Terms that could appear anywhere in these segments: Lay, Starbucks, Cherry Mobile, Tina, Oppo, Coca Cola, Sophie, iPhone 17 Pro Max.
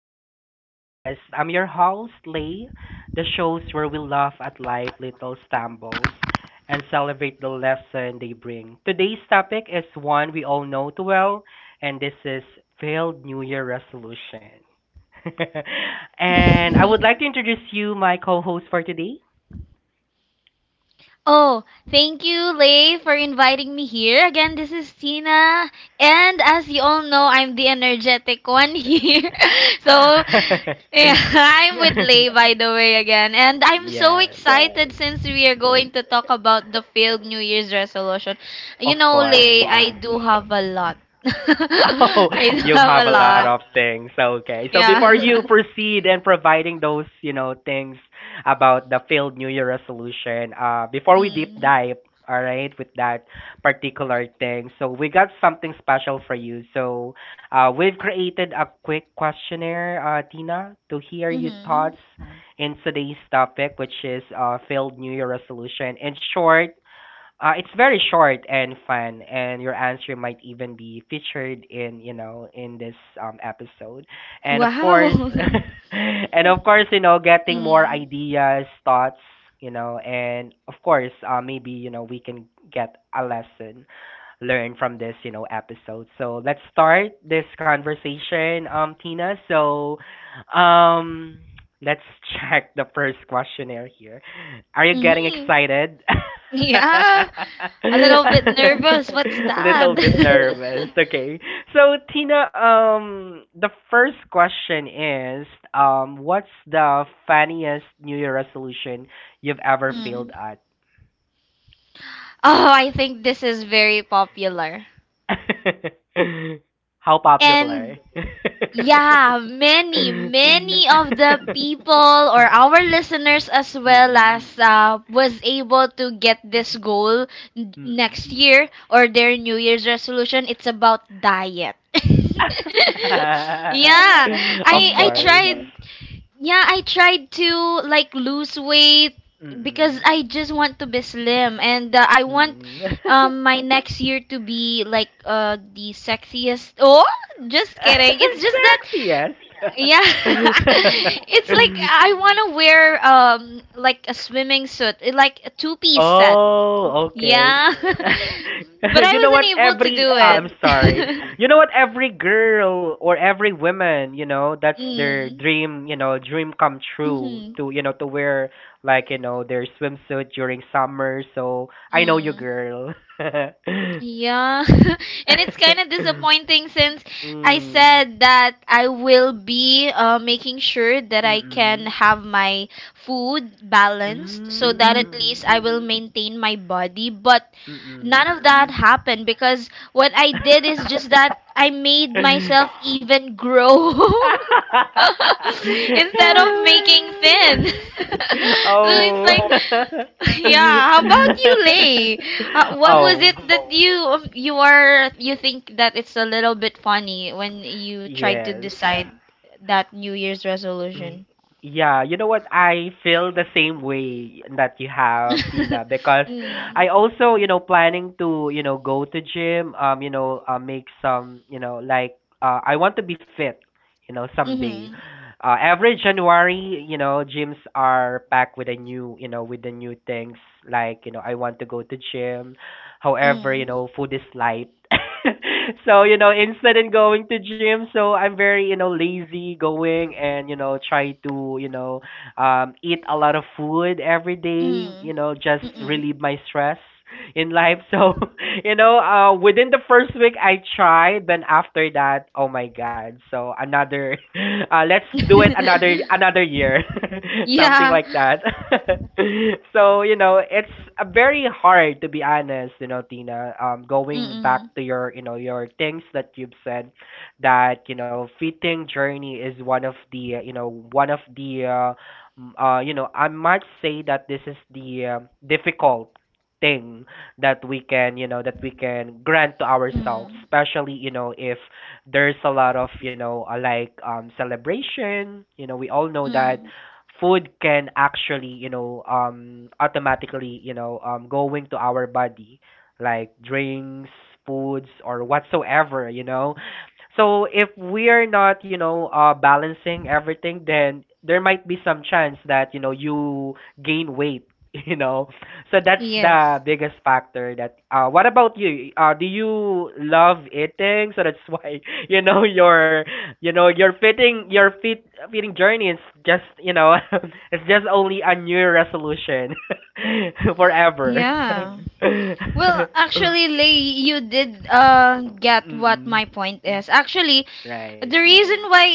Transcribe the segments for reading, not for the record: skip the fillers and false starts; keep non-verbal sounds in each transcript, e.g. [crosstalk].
our podcast. I'm your host, Lay, the shows where we laugh at life little stumbles and celebrate the lesson they bring. Today's topic is one we all know too well, and this is failed New Year resolution. [laughs] And I would [laughs] like to introduce you my co-host for today. Oh, thank you, Lay, for inviting me here. Again, this is Tina. And as you all know, I'm the energetic one here. [laughs] so, yeah, [laughs] I'm with Lay, by the way, again. And [laughs] I'm so Yes. excited since we are going to talk about the failed New Year's resolution. You Of know, Lay, course. I do have a lot. [laughs] Oh, I [laughs] do you have a have a lot lot. of things. Okay. So before you Yeah. proceed and providing those, things about the failed New Year resolution, [laughs] before we deep mm. dive, all right, with that particular thing, so we got something special for you. So we've created a quick questionnaire, Tina, to hear your Mm-hmm. thoughts in today's topic, which is failed New Year resolution. In short, it's very short and fun, and your answer might even be featured in, in this episode. And of course, Wow. [laughs] [laughs] and of course, you know, getting more mm. ideas, thoughts, you know, and of course, maybe you know we can get a lesson learn from this, you know, episode. So let's start this conversation, Tina. So, um, let's [laughs] check the first questionnaire here. Are you getting hmm excited? [laughs] Yeah, a little bit [laughs] nervous. What's that? Little bit nervous. [laughs] Okay. So Tina, the first question is, what's the funniest New Year resolution you've ever Hmm. failed at? Oh, I think this is very popular. [laughs] How popular. And yeah, Many, [laughs] many of the people or our listeners as well Mm-mm. as was able to get this goal Mm-mm. next year or their New Year's resolution. It's about diet. [laughs] yeah, [laughs] Of I I course. tried. Yeah, I tried to like lose weight because Mm-mm. I just want to be slim and I want Mm-mm. My next year to be like the sexiest. Oh, just kidding. It's [laughs] just that Sexiest. yeah. [laughs] It's like [laughs] I want to wear like a swimming suit, eh, like a two-piece set. Oh, okay. Yeah. [laughs] [laughs] But You I know what? wasn't able to Every do I'm it. sorry. You know [laughs] what? Every girl or every woman, you know, that's their Mm. dream, you know, dream come true Mhm. to, you know, to wear like, you know, their swimsuit during summer. So I know you, Mm. girl. [laughs] Yeah, [laughs] and it's kind of disappointing since I Mm. said that I will be making sure that I can Mm-mm. have my food balanced so Mm, that at mhm. least I will maintain my body. But none Mm-mm. of that happened because what I did is just that I made myself [laughs] even grow [laughs] [laughs] instead of making thin. [laughs] so it's Oh. like [laughs] [laughs] Yeah, how about you, Lay? [laughs] What was Oh, it that you think that it's a little bit funny when you tried to yes. decide that New Year's Mm. resolution? Yeah, you know what? I feel the same way that you have, Tina, [laughs] because I mm. also, you know, planning to, you know, go to gym, you know, make some, you know, like I want to be fit, you know, someday. Mm-hmm. Every January, you know, gyms are packed with a new, you know, with the new things. Like, you know, I want to go to gym. However, you Mm. know, food is light. [laughs] So, you know, instead in going to gym, so I'm very, you know, lazy going and, you know, try to, you know, eat a lot of food every day, Mm. you know, just Mm. relieve my stress in life. So, [laughs] you know, within the first week I tried, then after that, oh my god. So another, [laughs] let's do it another [laughs] another year, [laughs] something yeah. like that. [laughs] So you know, it's very hard to be honest. You know, Tina, going Mm. back to your you know your things that you've said, that you know, fitting journey is one of the you know one of the you know, I might say that this is the difficult thing that we can you know that we can grant to ourselves Mm. especially you know if there's a lot of you know like celebration you know we all know that Mm. food can actually you know automatically you know go into our body like drinks foods or whatsoever you know so if we are not, you know, balancing everything, then there might be some chance that you know you gain weight, [laughs] you know, so that's Yes. the biggest factor that what about you? Do you love eating? So that's why [laughs] you know your you know your fitting journey is just you know [laughs] it's just only a new resolution [laughs] forever. [laughs] Yeah. [laughs] Well, actually, Lay, you did get what Mm-mm. my point is. Actually, Right. the reason why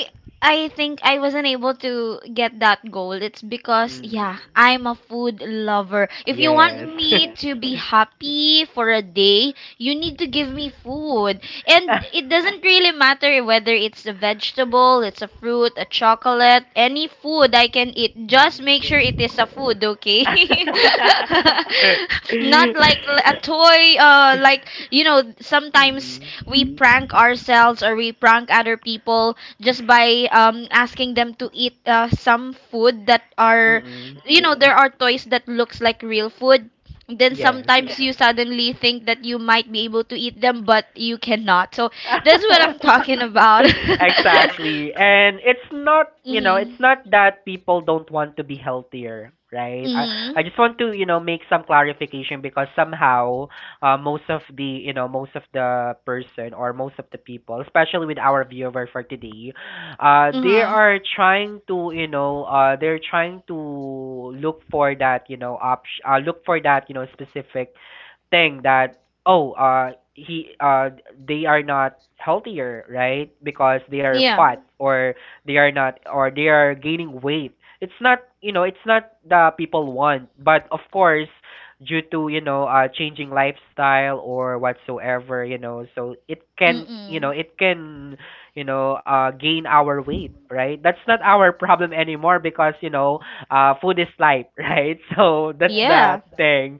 I think I wasn't able to get that goal, it's because, yeah, Mm. I'm a food lover. If you Yes. want me to be happy for a day, you need to give me food. And [laughs] it doesn't really matter whether it's a vegetable, it's a fruit, a chocolate, any food I can eat. Just make sure Mm. it is a food, okay? [laughs] [laughs] Not like a toy, like, you know, sometimes Mm-mm. we prank ourselves or we prank other people just by asking them to eat some food that are Mm-mm. you know there are toys that looks like real food then Yes. sometimes you suddenly think that you might be able to eat them but you cannot so that's what I'm [laughs] talking about [laughs] Exactly. And it's not, you know, it's mhm not that people don't want to be healthier, right? I mhm I just want to, you know, make some clarification because somehow most of the, you know, most of the person or most of the people, especially with our viewer for today, they uh-huh are trying to, you know, they're trying to look for that, you know, option, look for that, you know, specific think that oh he they are not healthier right because they are yeah fat or they are not or they are gaining weight it's not you know it's not the people want but of course due to you know changing lifestyle or whatsoever you know so it can you know mm it can you know gain our weight right that's not our problem anymore because you know food is life [laughs] right so that's the yeah thing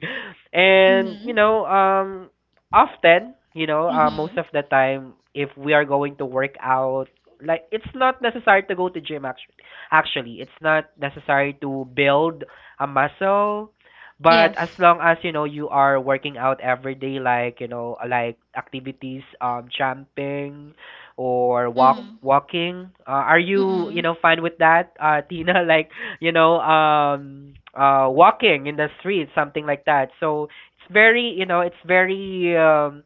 and you mhm know, often, you know, most mhm of the time, if we are going to work out, like it's not necessary to go to gym. Actually, it's not necessary to build a muscle. But as yes long as you know you are working out every day, like you know, like activities, jumping, or walk mm walking, are you you mm know fine with that, [laughs] Tina? Like you know, walking in the street, something like that. So it's very, you know, it's very um,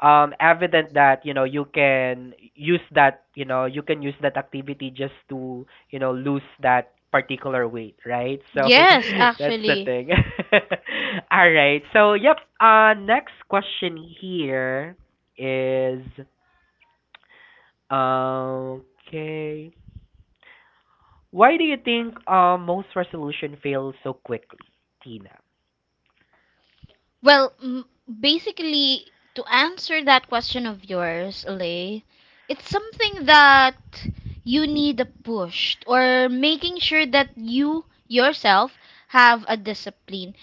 um, evident that you know you can use that, you know, you can use that activity just to, you know, lose that particular weight, right? So yes [laughs] that's the actually. thing. [laughs] All right. So yep. Next question here is. Okay. Why do you think most resolution fail so quickly, Tina? Well, basically, to answer that question of yours, Lay, it's something that you need a push or making sure that you yourself have a discipline.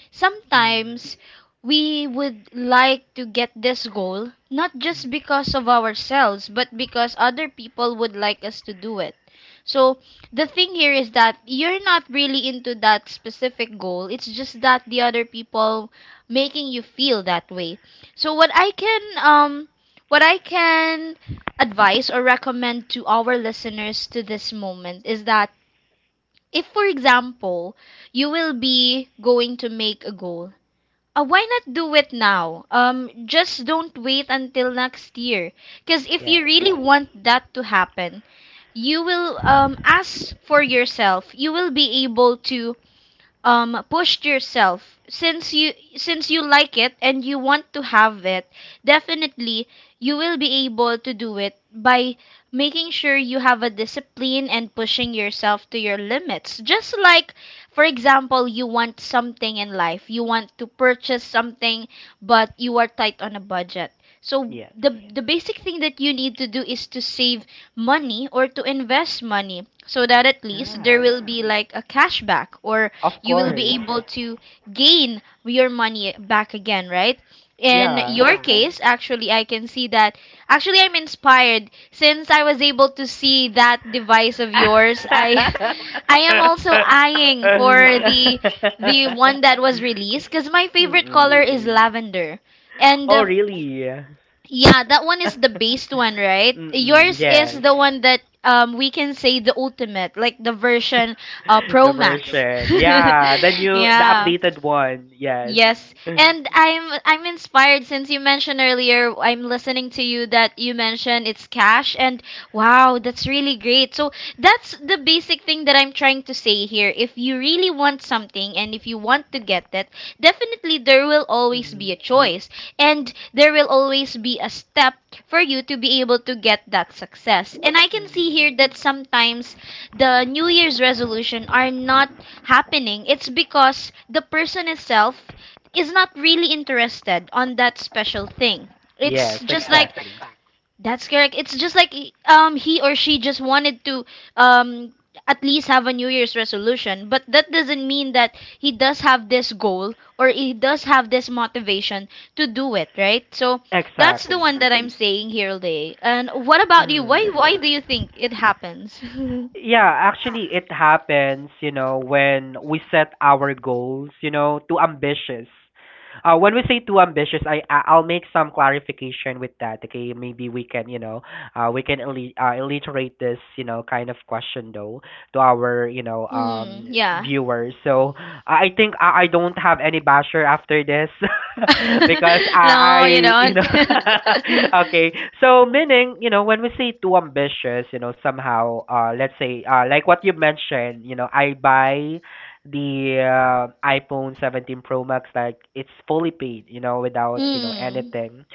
Hmm. Sometimes we would like to get this goal not Mm, just because of ourselves, but because other people would like us to do it. So the thing here is that you're not really into that specific goal. It's just that the other people making you feel that way. So what I can advise or recommend to our listeners to this moment is that if for example you will be going to make a goal, why not do it now? Just don't wait until next year. Because if you yes. really want that to happen, you will ask for yourself. You will be able to pushed yourself since you like it and you want to have it definitely you will be able to do it by making sure you have a discipline and pushing yourself to your limits, just like for example you want something in life, you want to purchase something but you are tight on a budget. So Yes. the basic thing that you need to do is to save money or to invest money so that at least Yeah. there will be like a cashback or Of you will course. be able to gain your money back again, right? In Yeah. your case, actually, I can see that. Actually, I'm inspired since I was able to see that device of yours. I, [laughs] [laughs] I am also eyeing for the one that was released because my favorite color Mm-mm. is lavender, and Oh, uh, really? yeah, that one is the [laughs] based one, right? Mm-mm. Yours is Yes. the one that we can say the ultimate, like the version [laughs] The Pro Max. version. Yeah. The [laughs] new, the yeah. updated one. Yes. Yes, [laughs] and I'm inspired since you mentioned earlier. I'm listening to you that you mentioned it's cash, and wow, that's really great. So that's the basic thing that I'm trying to say here. If you really want something and if you want to get it, definitely there will always be a choice, and there will always be a step for you to be able to get that success. And I can see Mm-hmm. here that sometimes the New Year's resolution are not happening. It's because the person itself is not really interested on that special thing. It's Yes, just like exactly. that's correct. It's just like he or she just wanted to um at least have a New Year's resolution, but that doesn't mean that he does have this goal or he does have this motivation to do it, right? So that's the Exactly. one that I'm saying here today. And what about you? Mm. Why do you think it happens? [laughs] hmm, Yeah, actually, it happens, you know, when we set our goals, you know, too ambitious. When we say too ambitious, I'll make some clarification with that. Okay, maybe we can, you know, we can alliterate this, you know, kind of question though to our, you know, yeah. viewers. So, I think I don't have any basher after this [laughs] because I, [laughs] no, you I you don't. know [laughs] okay. So meaning, you know, when we say too ambitious, you know, somehow let's say like what you mentioned, you know, I buy the iPhone 17 Pro Max like it's fully paid, you know, [laughs] without, you know, hmm. anything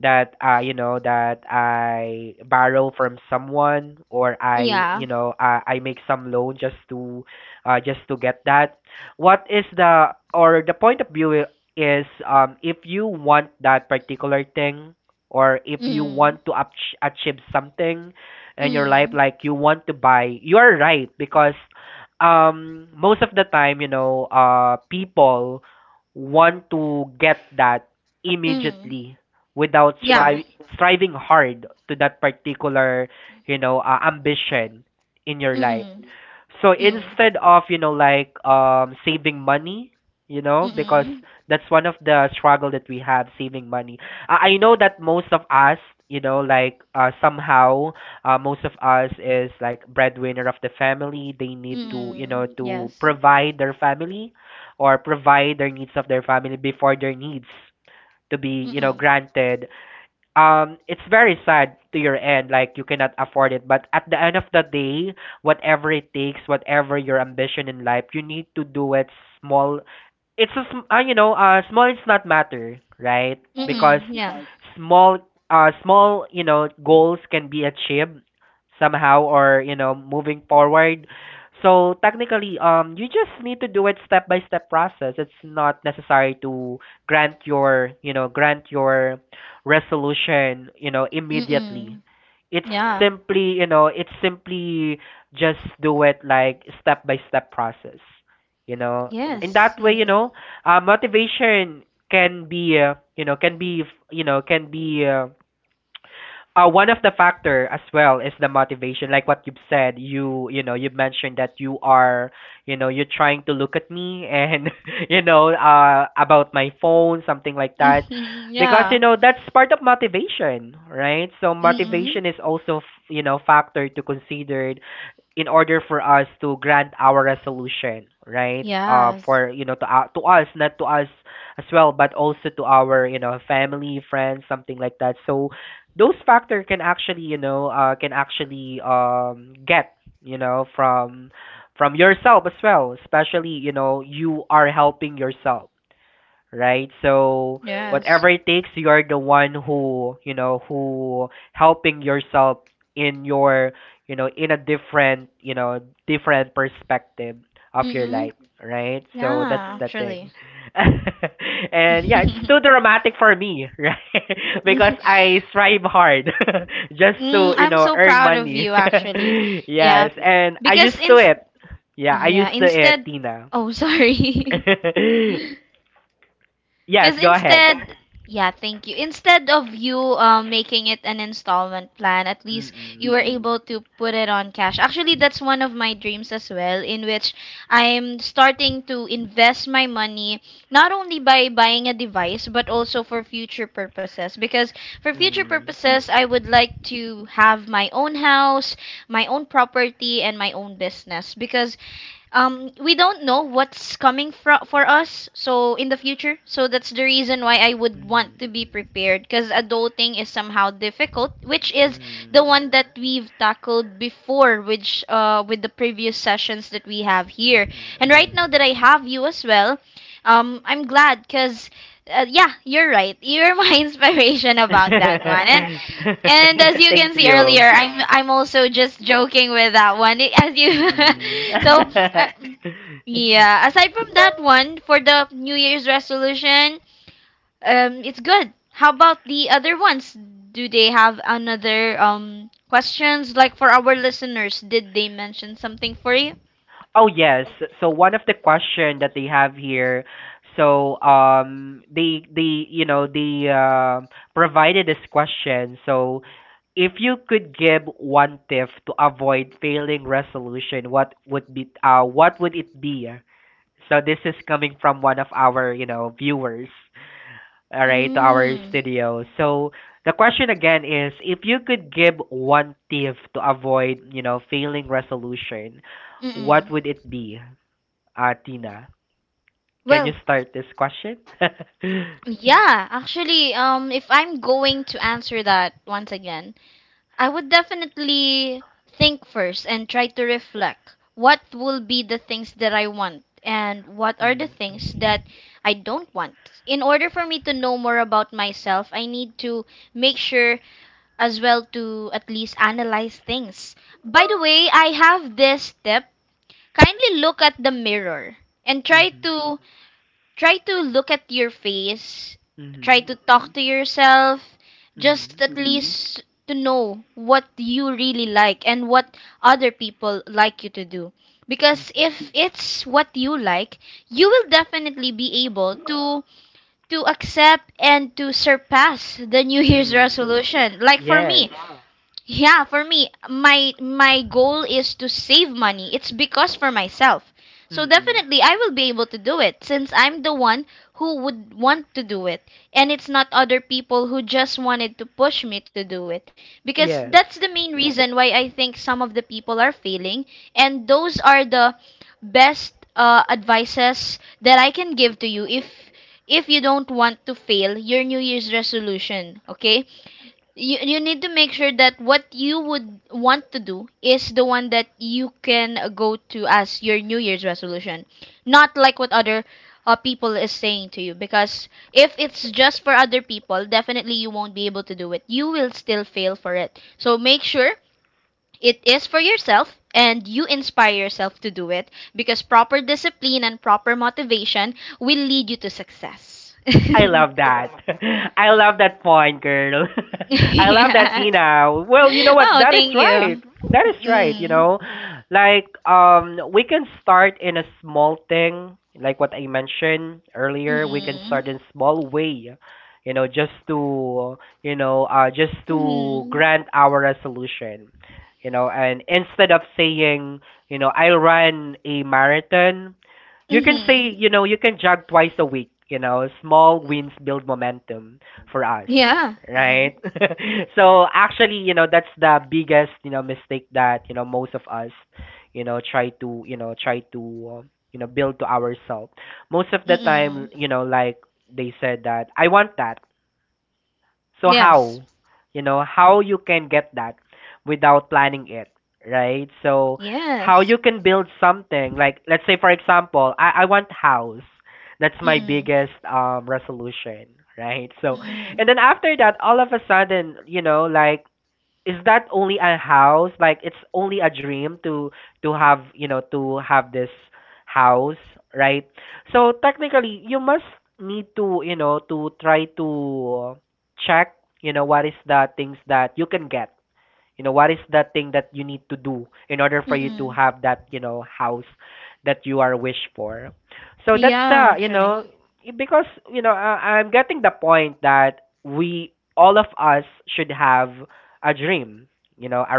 that you know that I borrow from someone or I, Yeah. you know, I make some loan just to get that what is the or the point of view is if you want that particular thing or if you Mm. want to achieve something in your life Mm. like you want to buy you are right because most of the time you know people want to get that Mm. immediately without Yeah. Striving hard to that particular you know ambition in your life Mm. so Mm. instead of, you know, like saving money, you know, because Mm. that's one of the struggle that we have saving money. I know that most of us, you know, like somehow most of us is like breadwinner of the family. They need to, you know, Mm. to Yes. provide their family or provide their needs of their family before their needs to be, you know, Mm. granted it's very sad to your end like you cannot afford it but at the end of the day whatever it takes whatever your ambition in life you need to do it small it's a you know small it's not matter right because Mm. Yeah. small small you know goals can be achieved somehow or you know moving forward so technically you just need to do it step by step process it's not necessary to grant your you know grant your resolution you know immediately Mm. it's Yeah. simply you know it's simply just do it like step by step process you know in Yes. that way you Mm. know motivation can be you know can be you know can be one of the factor as well is the motivation like what you've said you you know you mentioned that you are you know you're trying to look at me and [laughs] you know about my phone something like that Mm. [laughs] because you Yeah. know that's part of motivation right so Mm. motivation is also you know factor to consider in order for us to grant our resolution, right? Yes. For you know to us, not to us as well, but also to our you know family, friends, something like that. So those factor can actually you know can actually get you know from yourself as well, especially you know you are helping yourself right? So whatever Yes. it takes, you're the one who you know who helping yourself in your you know in a different you know different perspective of your life, Mm. right? So that's Yeah. the thing, Actually. [laughs] and yeah, it's too [laughs] dramatic for me, [laughs] right? Because I strive hard [laughs] just Mm, to I'm so earn proud of money. you, [laughs] actually. Yeah. Yes, and I used Because to in it. Yeah, I yeah, used to it, instead. Tina. Oh, sorry. [laughs] [laughs] Yes, Because go ahead. instead, yeah, thank you. Instead of you making it an installment plan, at least you Mm-mm. were able to put it on cash. Actually, that's one of my dreams as well, in which I'm starting to invest my money not only by buying a device, but also for future purposes. Because for future Mm. purposes, I would like to have my own house, my own property, and my own business. Because we don't know what's coming for us so in the future, so that's the reason why I would want to be Mm. prepared because adulting is somehow difficult, which is Mm. the one that we've tackled before, which with the previous sessions that we have here Mhm. and right now that I have you as well I'm glad because yeah, you're right, you're my [laughs] inspiration about that one, [laughs] and as you can Thank see you. earlier, I'm also just joking with that one. [laughs] It- As you Mm-mm. [laughs] so uh, [laughs] yeah, aside from that one for the New Year's resolution, it's good. How about the other ones? Do they have another questions like for our listeners? Did they mention something for you? Oh yes. So one of the question that they have here, so they they provided this question. So if you could give one tip to avoid failing resolution, what would it be? So this is coming from one of our viewers, all right, to our Mm. studio. So the question again is, if you could give one tip to avoid, you know, failing resolution, what Mm-mm. would it be, Tina? Can you Well, start this question? [laughs] yeah, actually, if I'm going to answer that once again, I would definitely think first and try to reflect what will be the things that I want and what are the Mm, things that I don't want. In order for me to know more about myself, I need to make sure as well to at least analyze things. By the way, I have this tip. Kindly look at the mirror and mhm, try to look at your face, try mhm, to talk to yourself, just mhm, at least to know what you really like and what other people like you to do. Because mhm, if it's what you like, you will definitely be able to accept and to surpass the New Year's mm. resolution. Like for Yes. me, yeah, for me, my goal is to save money. It's because for myself. So Mm-mm. definitely I will be able to do it since I'm the one who would want to do it and it's not other people who just wanted to push me to do it, because Yes. that's the main reason why I think some of the people are failing, and those are the best advices that I can give to you if you don't want to fail your New Year's resolution, okay? You need to make sure that what you would want to do is the one that you can go to as your New Year's resolution, not like what other people is saying to you. Because if it's just for other people, definitely you won't be able to do it. You will still fail for it. So make sure it is for yourself, and you inspire yourself to do it because proper discipline and proper motivation will lead you to success. [laughs] I love that. [laughs] I love that point, girl. [laughs] I love that, yeah. Tina. Well, you know what? Oh, That is thank you. right. That is right, you Mm. know. Like we can start in a small thing, like what I mentioned earlier, we can Mm. start in small way, you know, just to, you know, just to Mm. grant our resolution. You know, and instead of saying, you know, I ran a marathon, you can say, Mm. you know, you can jog twice a week. You know, small wins build momentum for us, Yeah. Mm. right? [laughs] So actually, you know, that's the biggest, you know, mistake that you know most of us, you know, try to, uh, you know, build to ourselves. Most of the time, Mm. you know, like they said that I want that. So Yes. how, you know, how you can get that without planning it, right? So how Yes. you can build something, like let's say for example, I want house. That's my Mm. biggest resolution, right? So Mm. and then after that, all of a sudden, you know, like is that only a house? Like it's only a dream to have to have this house, right? So technically, you must need to you know to try to check you know what is the things that you can get you know, what is that thing that you need to do in order for you to Mm. have that, you know, house that you are wish for? So that's Yeah, the, you actually. know, because, you know, I'm getting the point that we, all of us should have a dream, you know, a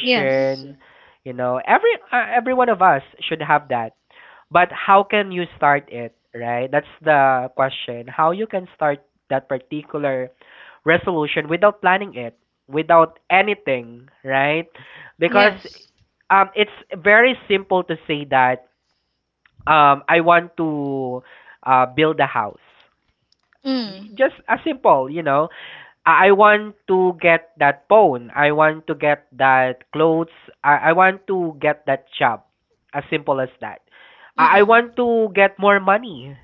Yes. you know, every one of us should have that. But how can you start it, right? That's the question. How you can start that particular resolution without planning it, without anything, right? Because Yes. It's very simple to say that I want to build a house. Mm. Just as simple, you know. I want to get that phone. I want to get that clothes. I want to get that job. As simple as that. I Mm. want to get more money.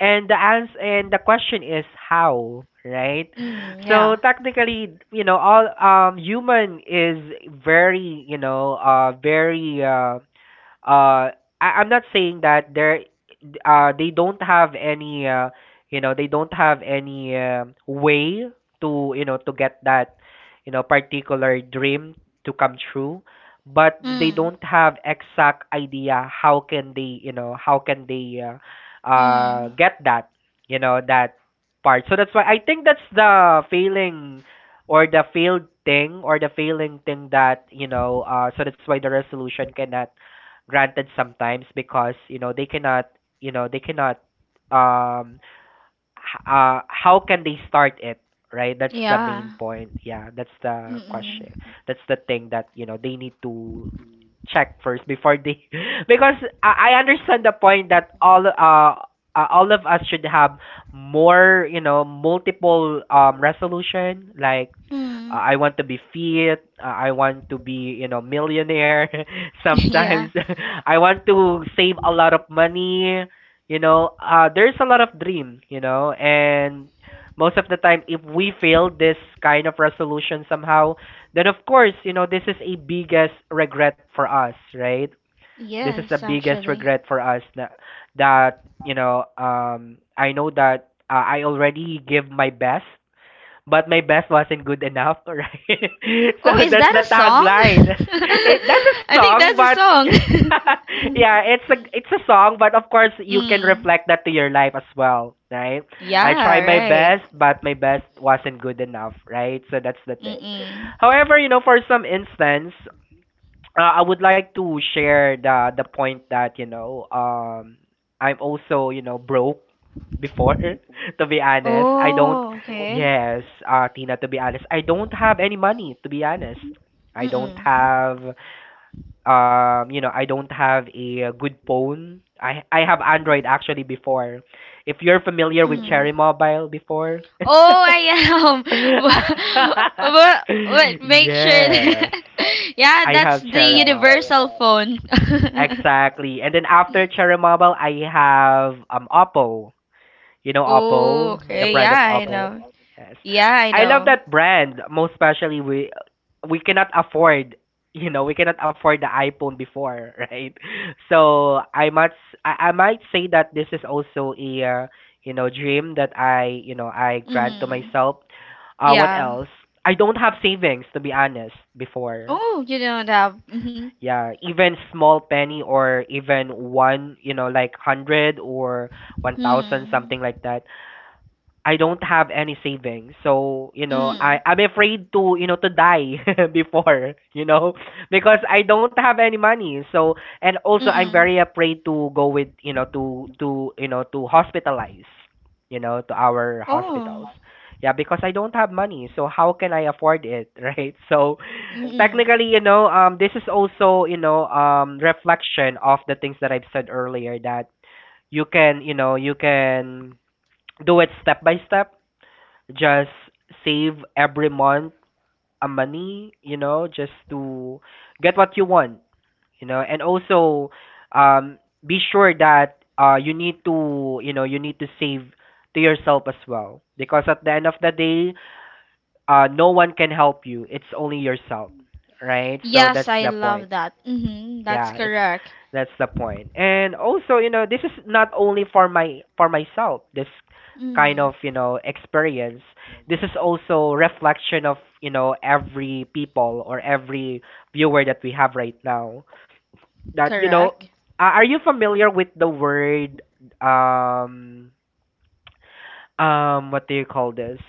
And the question is how, right? Mm. So Yeah. technically, you know, all human is very, you know, very uh I'm not saying that there they don't have any you know they don't have any way to you know to get that you know particular dream to come true, but they Mm. don't have exact idea how can they you know how can they Mm. get that you know that part. So that's why I think that's the failing or the failed thing or the failing thing that you know so that's why the resolution cannot granted sometimes because you know they cannot you know they cannot um how can they start it, right? That's the main Yeah. point, yeah, that's the question, Mm-mm. that's the thing that you know they need to check first before they [laughs] because I understand the point that all of us should have more you know multiple resolution, like Mm. [laughs] I want to be fit. I want to be, you know, millionaire. [laughs] Sometimes Yeah. [laughs] I want to save a lot of money. You know, there's a lot of dream. You know, and most of the time, if we fail this kind of resolution somehow, then of course, you know, this is a biggest regret for us, right? This is the Yes, biggest actually. regret for us that you know, I know that I already give my best but my best wasn't good enough, [laughs] right? [laughs] So Oh, is that's that the a song? tagline. [laughs] [laughs] It, that's a I think song, that's a but [laughs] song. yeah, it's [laughs] a it's a song, but of course you can Mm. reflect that to your life as well, right? I try Yeah, my right. best, but my best wasn't good enough, right? So that's the thing. Mm-mm. However, you know, for some instance, I would like to share the point that you know I'm also you know broke before. [laughs] To be honest I don't, Oh, okay. yes Tina, to be honest I don't have any money. To be honest I Mm-mm. don't have you know I don't have a good phone. I have Android actually before, if you're familiar with Mm. Cherry Mobile before. Oh, I am. [laughs] [laughs] But make sure Yes, that. [laughs] Yeah, I that's have the Cherry Mobile. universal phone. [laughs] Exactly. And then after Cherry Mobile, I have Oppo. You know Oh, Oppo, the okay. Yeah, brand of I Oppo. know. Yes. Yeah, I I love know. that brand, most especially we cannot afford, [laughs] you know, we cannot afford the iPhone before, [laughs] right? So I might say that this is also a you know dream that I, you know, I grant to Mm-hmm. myself. What Yeah. else? I don't have savings to be honest before. Oh, you don't have. Mm-hmm. Yeah, even small penny or even one, you know, like 100 or 1,000, Mm. something like that. I don't have any savings. So, you know, Mm. I'm afraid to, you know, to die [laughs] before, you know, because I don't have any money. So, and also I'm Mm-mm. very afraid to go with, you know, to, you know, to hospitalize, you know, to our hospitals. Oh. Yeah, because I don't have money. So how can I afford it, [laughs] right? So, Mm-mm. technically, you know, this is also, you know, reflection of the things that I've said earlier that you can, you know, you can do it step by step. Just save every month a money, you know, just to get what you want, you know, and also, um, be sure that you need to, you know, you need to save to yourself as well because at the end of the day, no one can help you. It's only yourself, right? So Yes, that's I the point. love that. Mm-hmm. That's Yeah, it's correct. that's the point. And also, you know, this is not only for my for myself. This kind Mm. of, you know, experience. This is also reflection of, you know, every people or every viewer that we have right now. That, you know, Correct. Are you familiar with the word um what do you call this?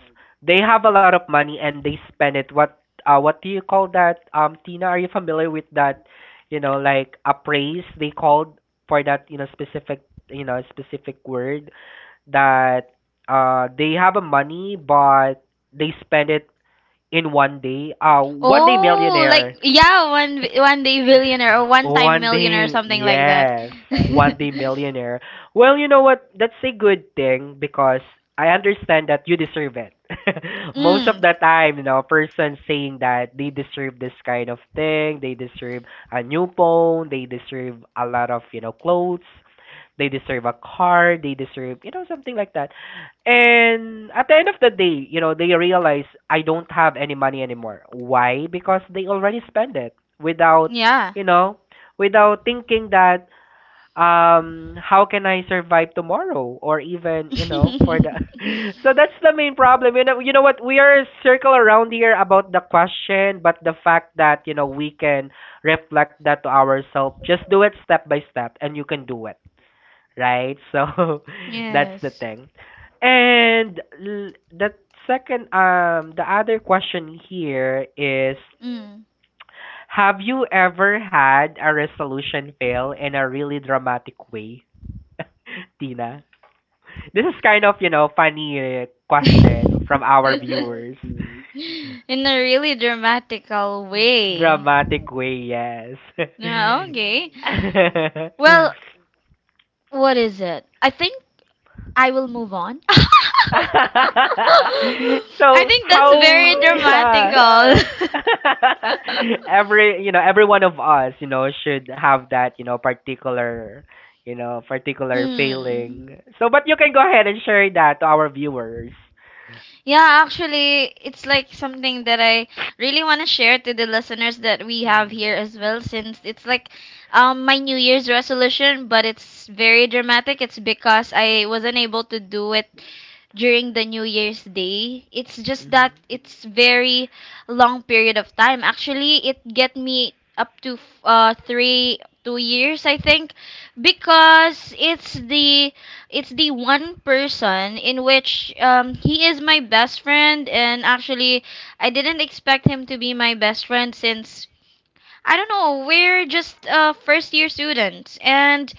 They have a lot of money and they spend it. What do you call that? Tina, are you familiar with that, you know, like appraise they called for that, you know, specific word that they have a money but they spend it in one day. One day Oh, like millionaire. yeah, one day billionaire or one time One millionaire or day, something like that. yes, one [laughs] day millionaire. Well, you know what? That's a good thing because I understand that you deserve it. [laughs] Most of Mm. the time, you know, person saying that they deserve this kind of thing, they deserve a new phone, they deserve a lot of, you know, clothes, they deserve a car. They deserve, you know, something like that. And at the end of the day, you know, they realize I don't have any money anymore. Why? Because they already spend it without, Yeah. you know, without thinking that how can I survive tomorrow or even, you know, for the [laughs] So [laughs] that's the main problem. You know what? We are circle around here about the question, but the fact that, you know, we can reflect that to ourselves, just do it step by step and you can do it, right? So [laughs] that's the Yes. thing. And the second, the other question here is, Mm. have you ever had a resolution fail in a really dramatic way, [laughs] Tina? This is kind of, you know, funny [laughs] question from our In viewers. a really dramatical [laughs] way. Dramatic way, yes. [laughs] [laughs] No, okay. Well, what is it? I think I will move on. [laughs] I So think that's very how, yeah. dramatical. [laughs] [laughs] Every you know every one of us you know should have that you know particular Mm. failing so, but you can go ahead and share that to our viewers. Yeah, actually, it's like something that I really want to share to the listeners that we have Mm, here as well, since it's like my New Year's resolution, but it's very dramatic. It's because I wasn't able to do it during the New Year's Day. It's just that mhm, it's very long period of time. Actually, it get me up to 3 2 years I think because it's the one person in which he is my best friend, and actually I didn't expect him to be my best friend since I don't know. We're just first year students, and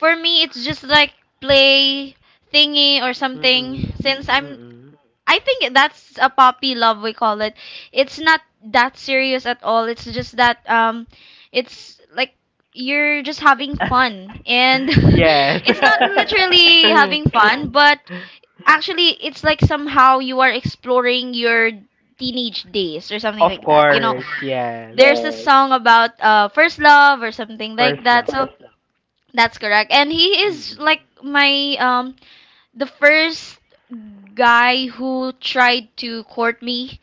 for me, it's just like play thingy or something. mm, Since I'm, mm. I think that's a puppy love we call it. It's not that serious at all. It's just that it's like you're just having fun, [laughs] and Yes. [laughs] it's not literally having [laughs] fun, but actually it's like somehow you are exploring your teenage days or something Of like that, you know. course, [laughs] yes. There's a song about first love or something First like love. that, so that's correct. And he is Mm. like my the first guy who tried to court me,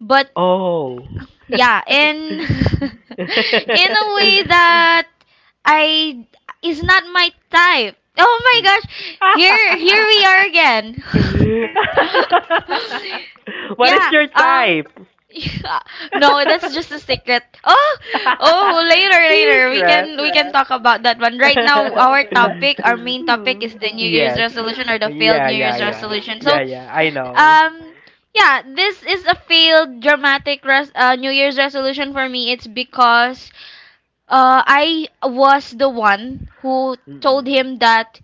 but Oh. yeah. And [laughs] [laughs] in a way [laughs] that I is not my type. Oh my Mm. gosh. Here [laughs] we are again. [laughs] [laughs] What is Yeah, your type? [laughs] yeah, no, that's just a secret. Oh, oh, [laughs] later, later. We Secret. can we can talk about that one. Right now, [laughs] our topic, our main topic Hmm. is the New Year's Yes. resolution or the failed Yeah, New yeah, Year's yeah. resolution. Yeah, So, yeah. I know. um, yeah, this is a failed dramatic New Year's resolution for me. It's because I was the one who told Mm-mm. him that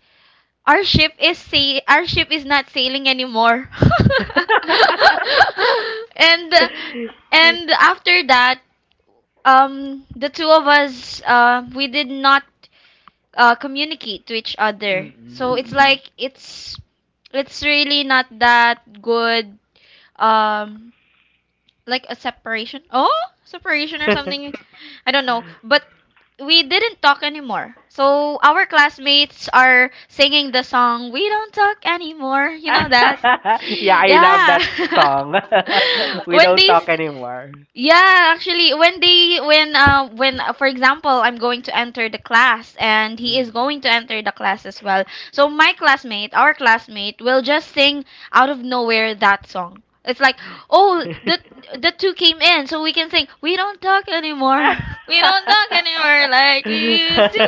our our ship is not sailing anymore. [laughs] [laughs] and and after that, the two of us, we did not communicate to each other. Mm-mm. So it's like it's really not that good. Um, like a separation. Oh, separation or something. [laughs] I don't know. But we didn't talk anymore. So our classmates are singing the song "We Don't Talk Anymore." You know that? [laughs] Yeah, I love Yeah. that song. [laughs] [laughs] We When don't talk these anymore. yeah, actually, when they when for example, I'm going to enter the class and he Mm. is going to enter the class as well. So my classmate, our classmate will just sing out of nowhere that song. It's like, "Oh, the two came in, so we can sing. We don't talk anymore. [laughs] We don't talk [laughs] anymore [laughs] like Mm. we used to."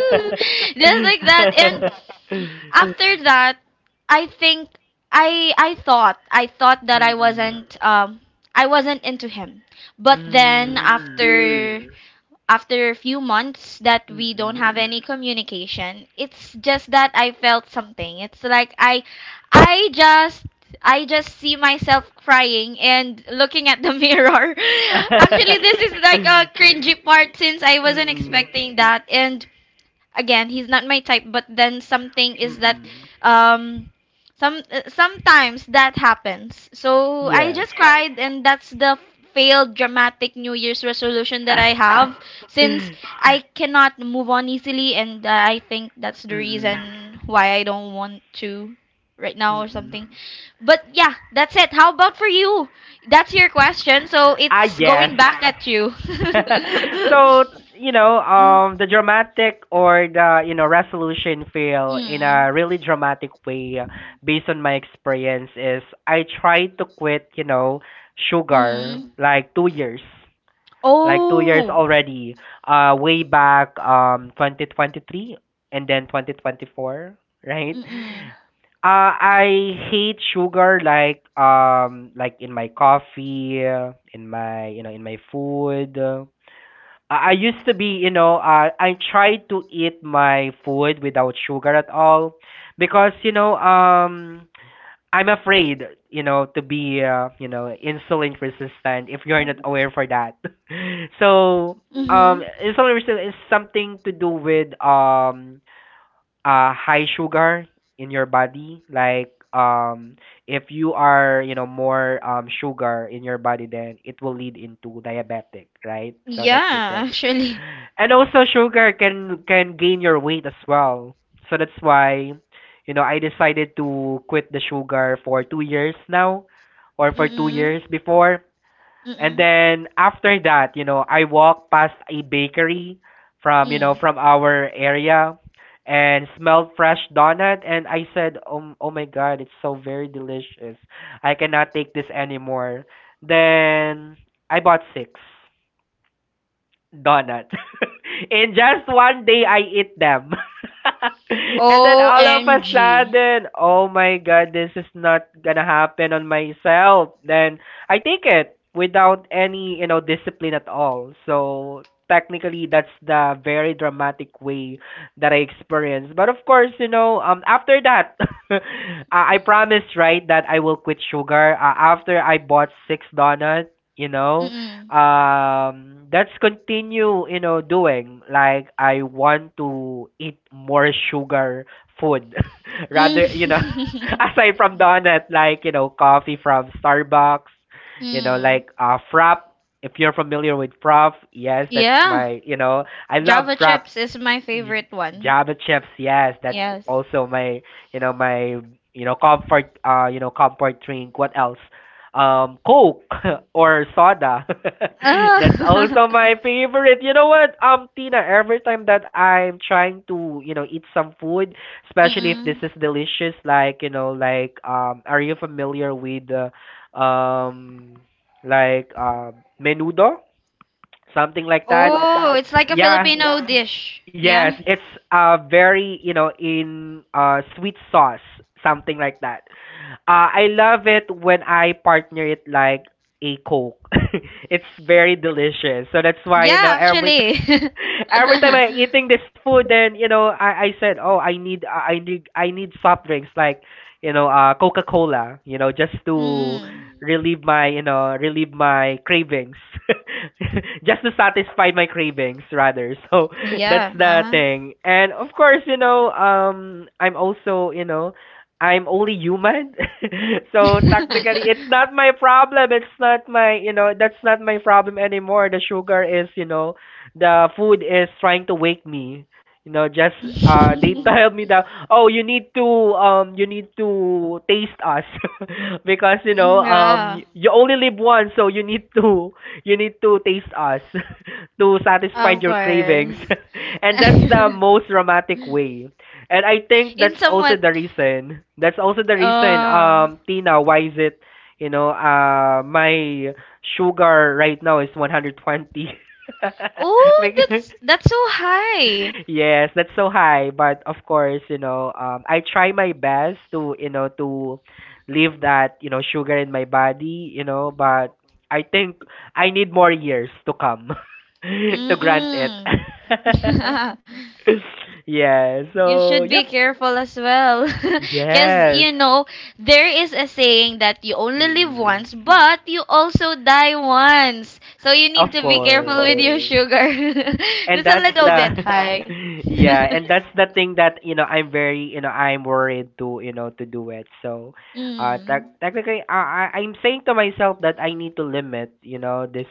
[laughs] Just like that. And after that, i think I thought that I Mm. wasn't I wasn't into him, but then after Mm. after a few months that we don't Mm. have any communication, it's just that I felt something. It's like I just I just see myself crying and looking at the [laughs] mirror. Actually, this is like a cringy part since I wasn't expecting that. And again, he's not my type, but then something is that Mm. [laughs] um some sometimes that happens, so I Yes. just cried. And that's the failed dramatic New Year's resolution that I have, [laughs] since Mm. I cannot move on easily. And I think that's the Mm. reason why I don't want to right now or Mm. something. But yeah, that's it. How about for you? That's your question, so Ah, it's yes. going back at you. [laughs] [laughs] So, Mm. The dramatic, or the resolution fail in a really dramatic way, based on my experience, is I tried to quit sugar Mm. like 2 years, like 2 years Oh. already, way back 2023, and then 2024, right. Mm-mm. I hate sugar, like in my coffee, in my in my food. I used to be, I try to eat my food without sugar at all because, I'm afraid, to be, insulin resistant if you're not aware for that. [laughs] So, Mhm. insulin resistant is something to do with, high sugar in your body. Like, if you are, more, sugar in your body, then it will lead into diabetic, right? So that's the Yeah, thing. actually. And also sugar can gain your weight as well. So that's why, I decided to quit the sugar for 2 years now, or for two Mm-mm. years before. And Mm-mm. then after that, I walked past a bakery from, Mm. from our area, and smelled fresh donut and I said, "Oh, oh my god, it's so very delicious. I cannot take this anymore." Then I bought six donut. [laughs] In just one day, I eat them. [laughs] And then all of a OMG. sudden, oh my god, this is not gonna happen on myself. Then I take it without any, discipline at all. So technically, that's the very dramatic way that I experienced. But of course, after that, [laughs] uh, I promised, right, that I will quit sugar, after I bought six donuts. You know, Mm-mm. Let's continue, doing, like, I want to eat more sugar food, [laughs] rather. Mm. [laughs] Aside from donut, like, coffee from Starbucks, [laughs] Mm. like, frap. If you're familiar with frap, yes, that's Yeah. my, I love Java frap. chips is my J- favorite one. Java chips, yes, that's Yes. also my, my, comfort, comfort drink. What else? Coke, [laughs] or soda. [laughs] That's Ah. also my [laughs] favorite. You know what? Tina, every time that I'm trying to, eat some food, especially if this Mm-mm. is delicious, like, like, are you familiar with, um like um menudo? Something like that. Oh, it's like a Yeah. Filipino dish. Yeah. Yes, it's very, in sweet sauce, something like that. I love it when I partner it like a Coke. [laughs] It's very delicious. So that's why, Yeah, every, actually. [laughs] [laughs] every time I'm eating this food, then, I said, oh, I need soft drinks, like, Coca Cola, just to Mm-mm. relieve my, relieve my cravings, [laughs] just to satisfy my cravings, rather. So [laughs] that's the Yeah. thing, and of course, I'm also, I'm only human. [laughs] So Uh-huh. technically it's not my problem. It's not my, that's not my problem anymore. The sugar is, the food is trying to wake me. You know, just, [laughs] they [laughs] tell me [laughs] that, oh, you need to, you need to taste us, [laughs] because, Mm, yeah, you only live once, so you need to [laughs] you need to taste us [laughs] to satisfy of your cravings. course. [laughs] And that's the [laughs] most dramatic way, and I think that's In also somewhat. the reason. That's also the reason, Oh. Tina, why is it, my sugar right now is 120. [laughs] Oh, Like, [laughs] that's so high. yes, that's so high. But of course, I try my best to, to leave that, sugar in my body. But I think I need more years to come [laughs] to grant it. Mm-mm. [laughs] [laughs] Yeah. You So should be yep. careful as well. [laughs] Because, Yes. you know, there is a saying that you only live Mm, once, but you also die once. So you of need to be careful with course. your sugar. [laughs] That's And a that's little bit the— high. [laughs] yeah, [laughs] and that's the thing that, I'm very, I'm worried to, to do it. So, Mm. Technically I'm saying to myself that I need to limit, this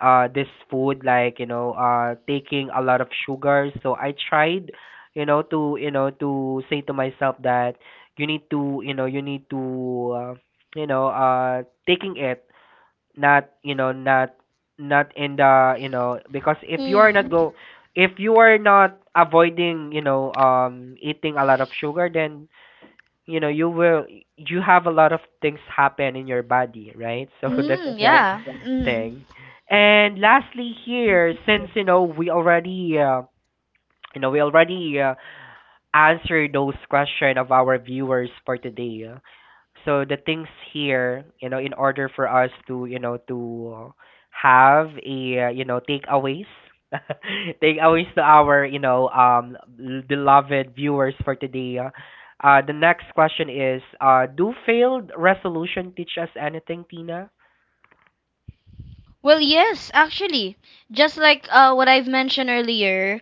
this food, like, taking a lot of sugar. So I tried, to, to say to myself that you need to, you need to taking it, not, not, not in the, because if you are not Mm. go if you are not avoiding, eating a lot of sugar, then, you will, you have a lot of things happen in your body, right. [laughs] So that's Mm, the yeah. Mm. thing. And lastly here, since, we already we already answered those question of our viewers for today, so the things here, in order for us to, to have a, takeaways, [laughs] takeaways to our, beloved viewers for today. The next question is, do failed resolution teach us anything, Tina? Well, yes, actually, just like what I've mentioned earlier,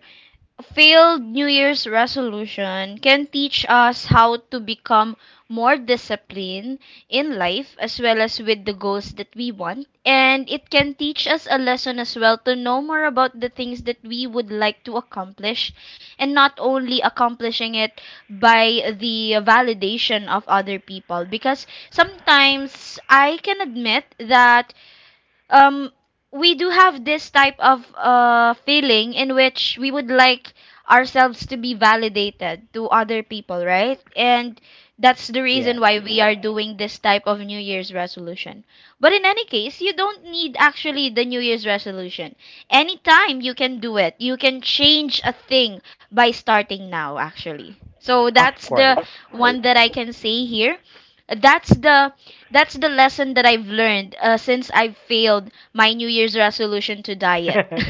failed New Year's resolution can teach us how to become more disciplined in life as well as with the goals that we want. And it can teach us a lesson as well to know more about the things that we would like to accomplish, and not only accomplishing it by the validation of other people. Because sometimes I can admit that um we do have this type of feeling in which we would like ourselves to be validated to other people, right? And that's the reason Yes, why we are doing this type of New Year's resolution. But in any case, you don't need actually the New Year's resolution. Anytime you can do it. You can change a thing by starting now actually. So of that's course. the one that I can say here. That's the that's the lesson that I've learned since I've failed my New Year's resolution to [laughs] diet. And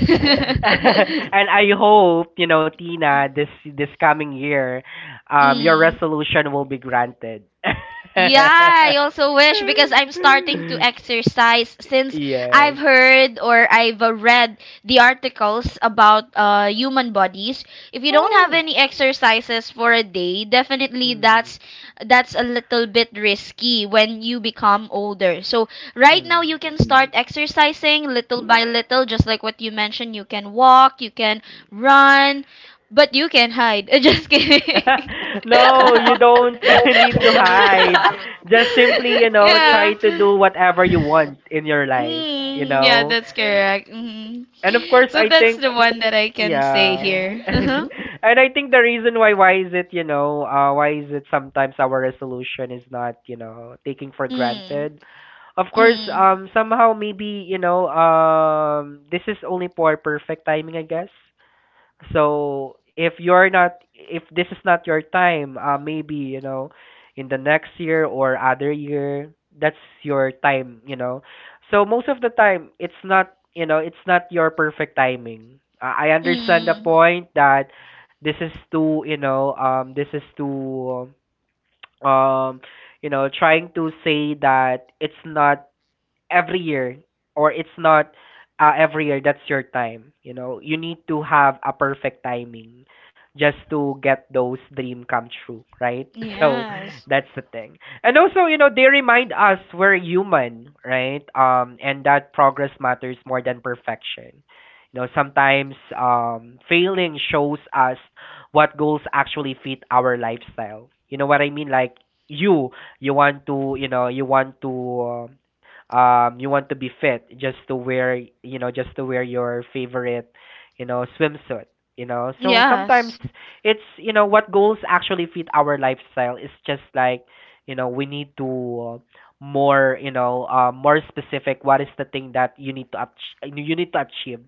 [laughs] I hope, Tina, this coming year, your Mm. resolution will be granted. [laughs] Yeah, I also wish because I'm starting to exercise since Yes. I've heard or I've read the articles about human bodies. If you don't have Oh. any exercises for a day, definitely Hmm. That's a little bit risky when you become older. So right Hmm. now you can start exercising little by little, just like what you mentioned. You can walk, you can run, but you can hide. [laughs] Just kidding. [laughs] No, you don't [laughs] need to hide. Just simply, [laughs] Yeah. try to do whatever you want in your life, you Mm, yeah, know. that's correct. Mhm. And of course, So I that's think. the one that I can say Yeah. here. Uh-huh. [laughs] And I think the reason why is it sometimes our resolution is not, taking for Mm. granted. Of course, Mm. Somehow maybe, this is only for perfect timing, I guess. So if you're not, if this is not your time, maybe, in the next year or other year, that's your time. So most of the time, it's not, it's not your perfect timing. I understand the Mm. point that this is too, this is too, um, trying to say that it's not every year, or it's not every year that's your time. You know you need to have a perfect timing just to get those dream come true, right. [laughs] So Yes. that's the thing. And also, they remind us we're human, right? And that progress matters more than perfection. Sometimes, failing shows us what goals actually fit our lifestyle. You know what I mean? Like, you you want to, you want to be fit just to wear, just to wear your favorite, swimsuit, so sometimes Yes. it's, you know, what goals actually fit our lifestyle. Is just like, we need to more, more specific, what is the thing that you need to you need to achieve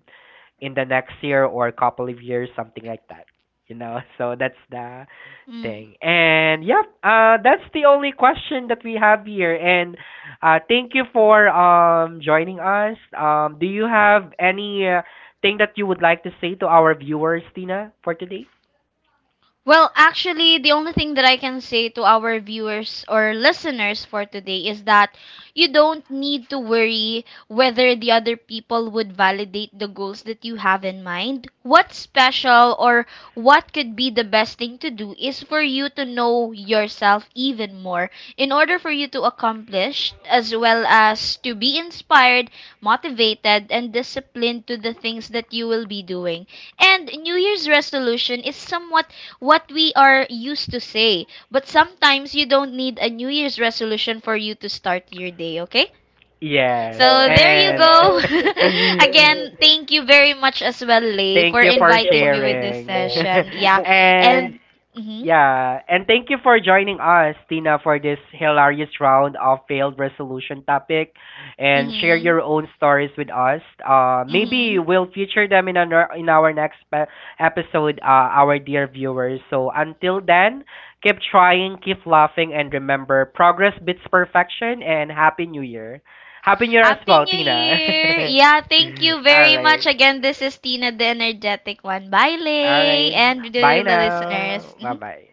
in the next year or a couple of years, something like that. You know, [laughs] so that's the Mm. thing. And yep, that's the only question that we have here. And thank you for joining us. Do you have any thing that you would like to say to our viewers, Tina, for today? Well, actually, the only thing that I can say to our viewers or listeners for today is that you don't need to worry whether the other people would validate the goals that you have in mind. What's special or what could be the best thing to do is for you to know yourself even more in order for you to accomplish, as well as to be inspired, motivated, and disciplined to the things that you will be doing. And New Year's resolution is somewhat what we are used to say. But sometimes you don't need a New Year's resolution for you to start your day, okay? Yes, So there you and go. [laughs] [laughs] thank Again, thank you very much as well, Lay, for you for inviting me with this sharing. session. Yeah. [laughs] And And mhm. yeah, and thank you for joining us, Tina, for this hilarious round of failed resolution topic, and share Mhm. your own stories with us. Maybe Mhm. we'll feature them in our next episode, our dear viewers. So until then, keep trying, keep laughing, and remember, progress beats perfection. And happy New Year as Happy well, New Tina. Year. [laughs] Yeah, thank you All very right, much again. This is Tina the energetic one. Bye, all Lay, right. and to Bye the now. listeners. Bye Mhm. bye.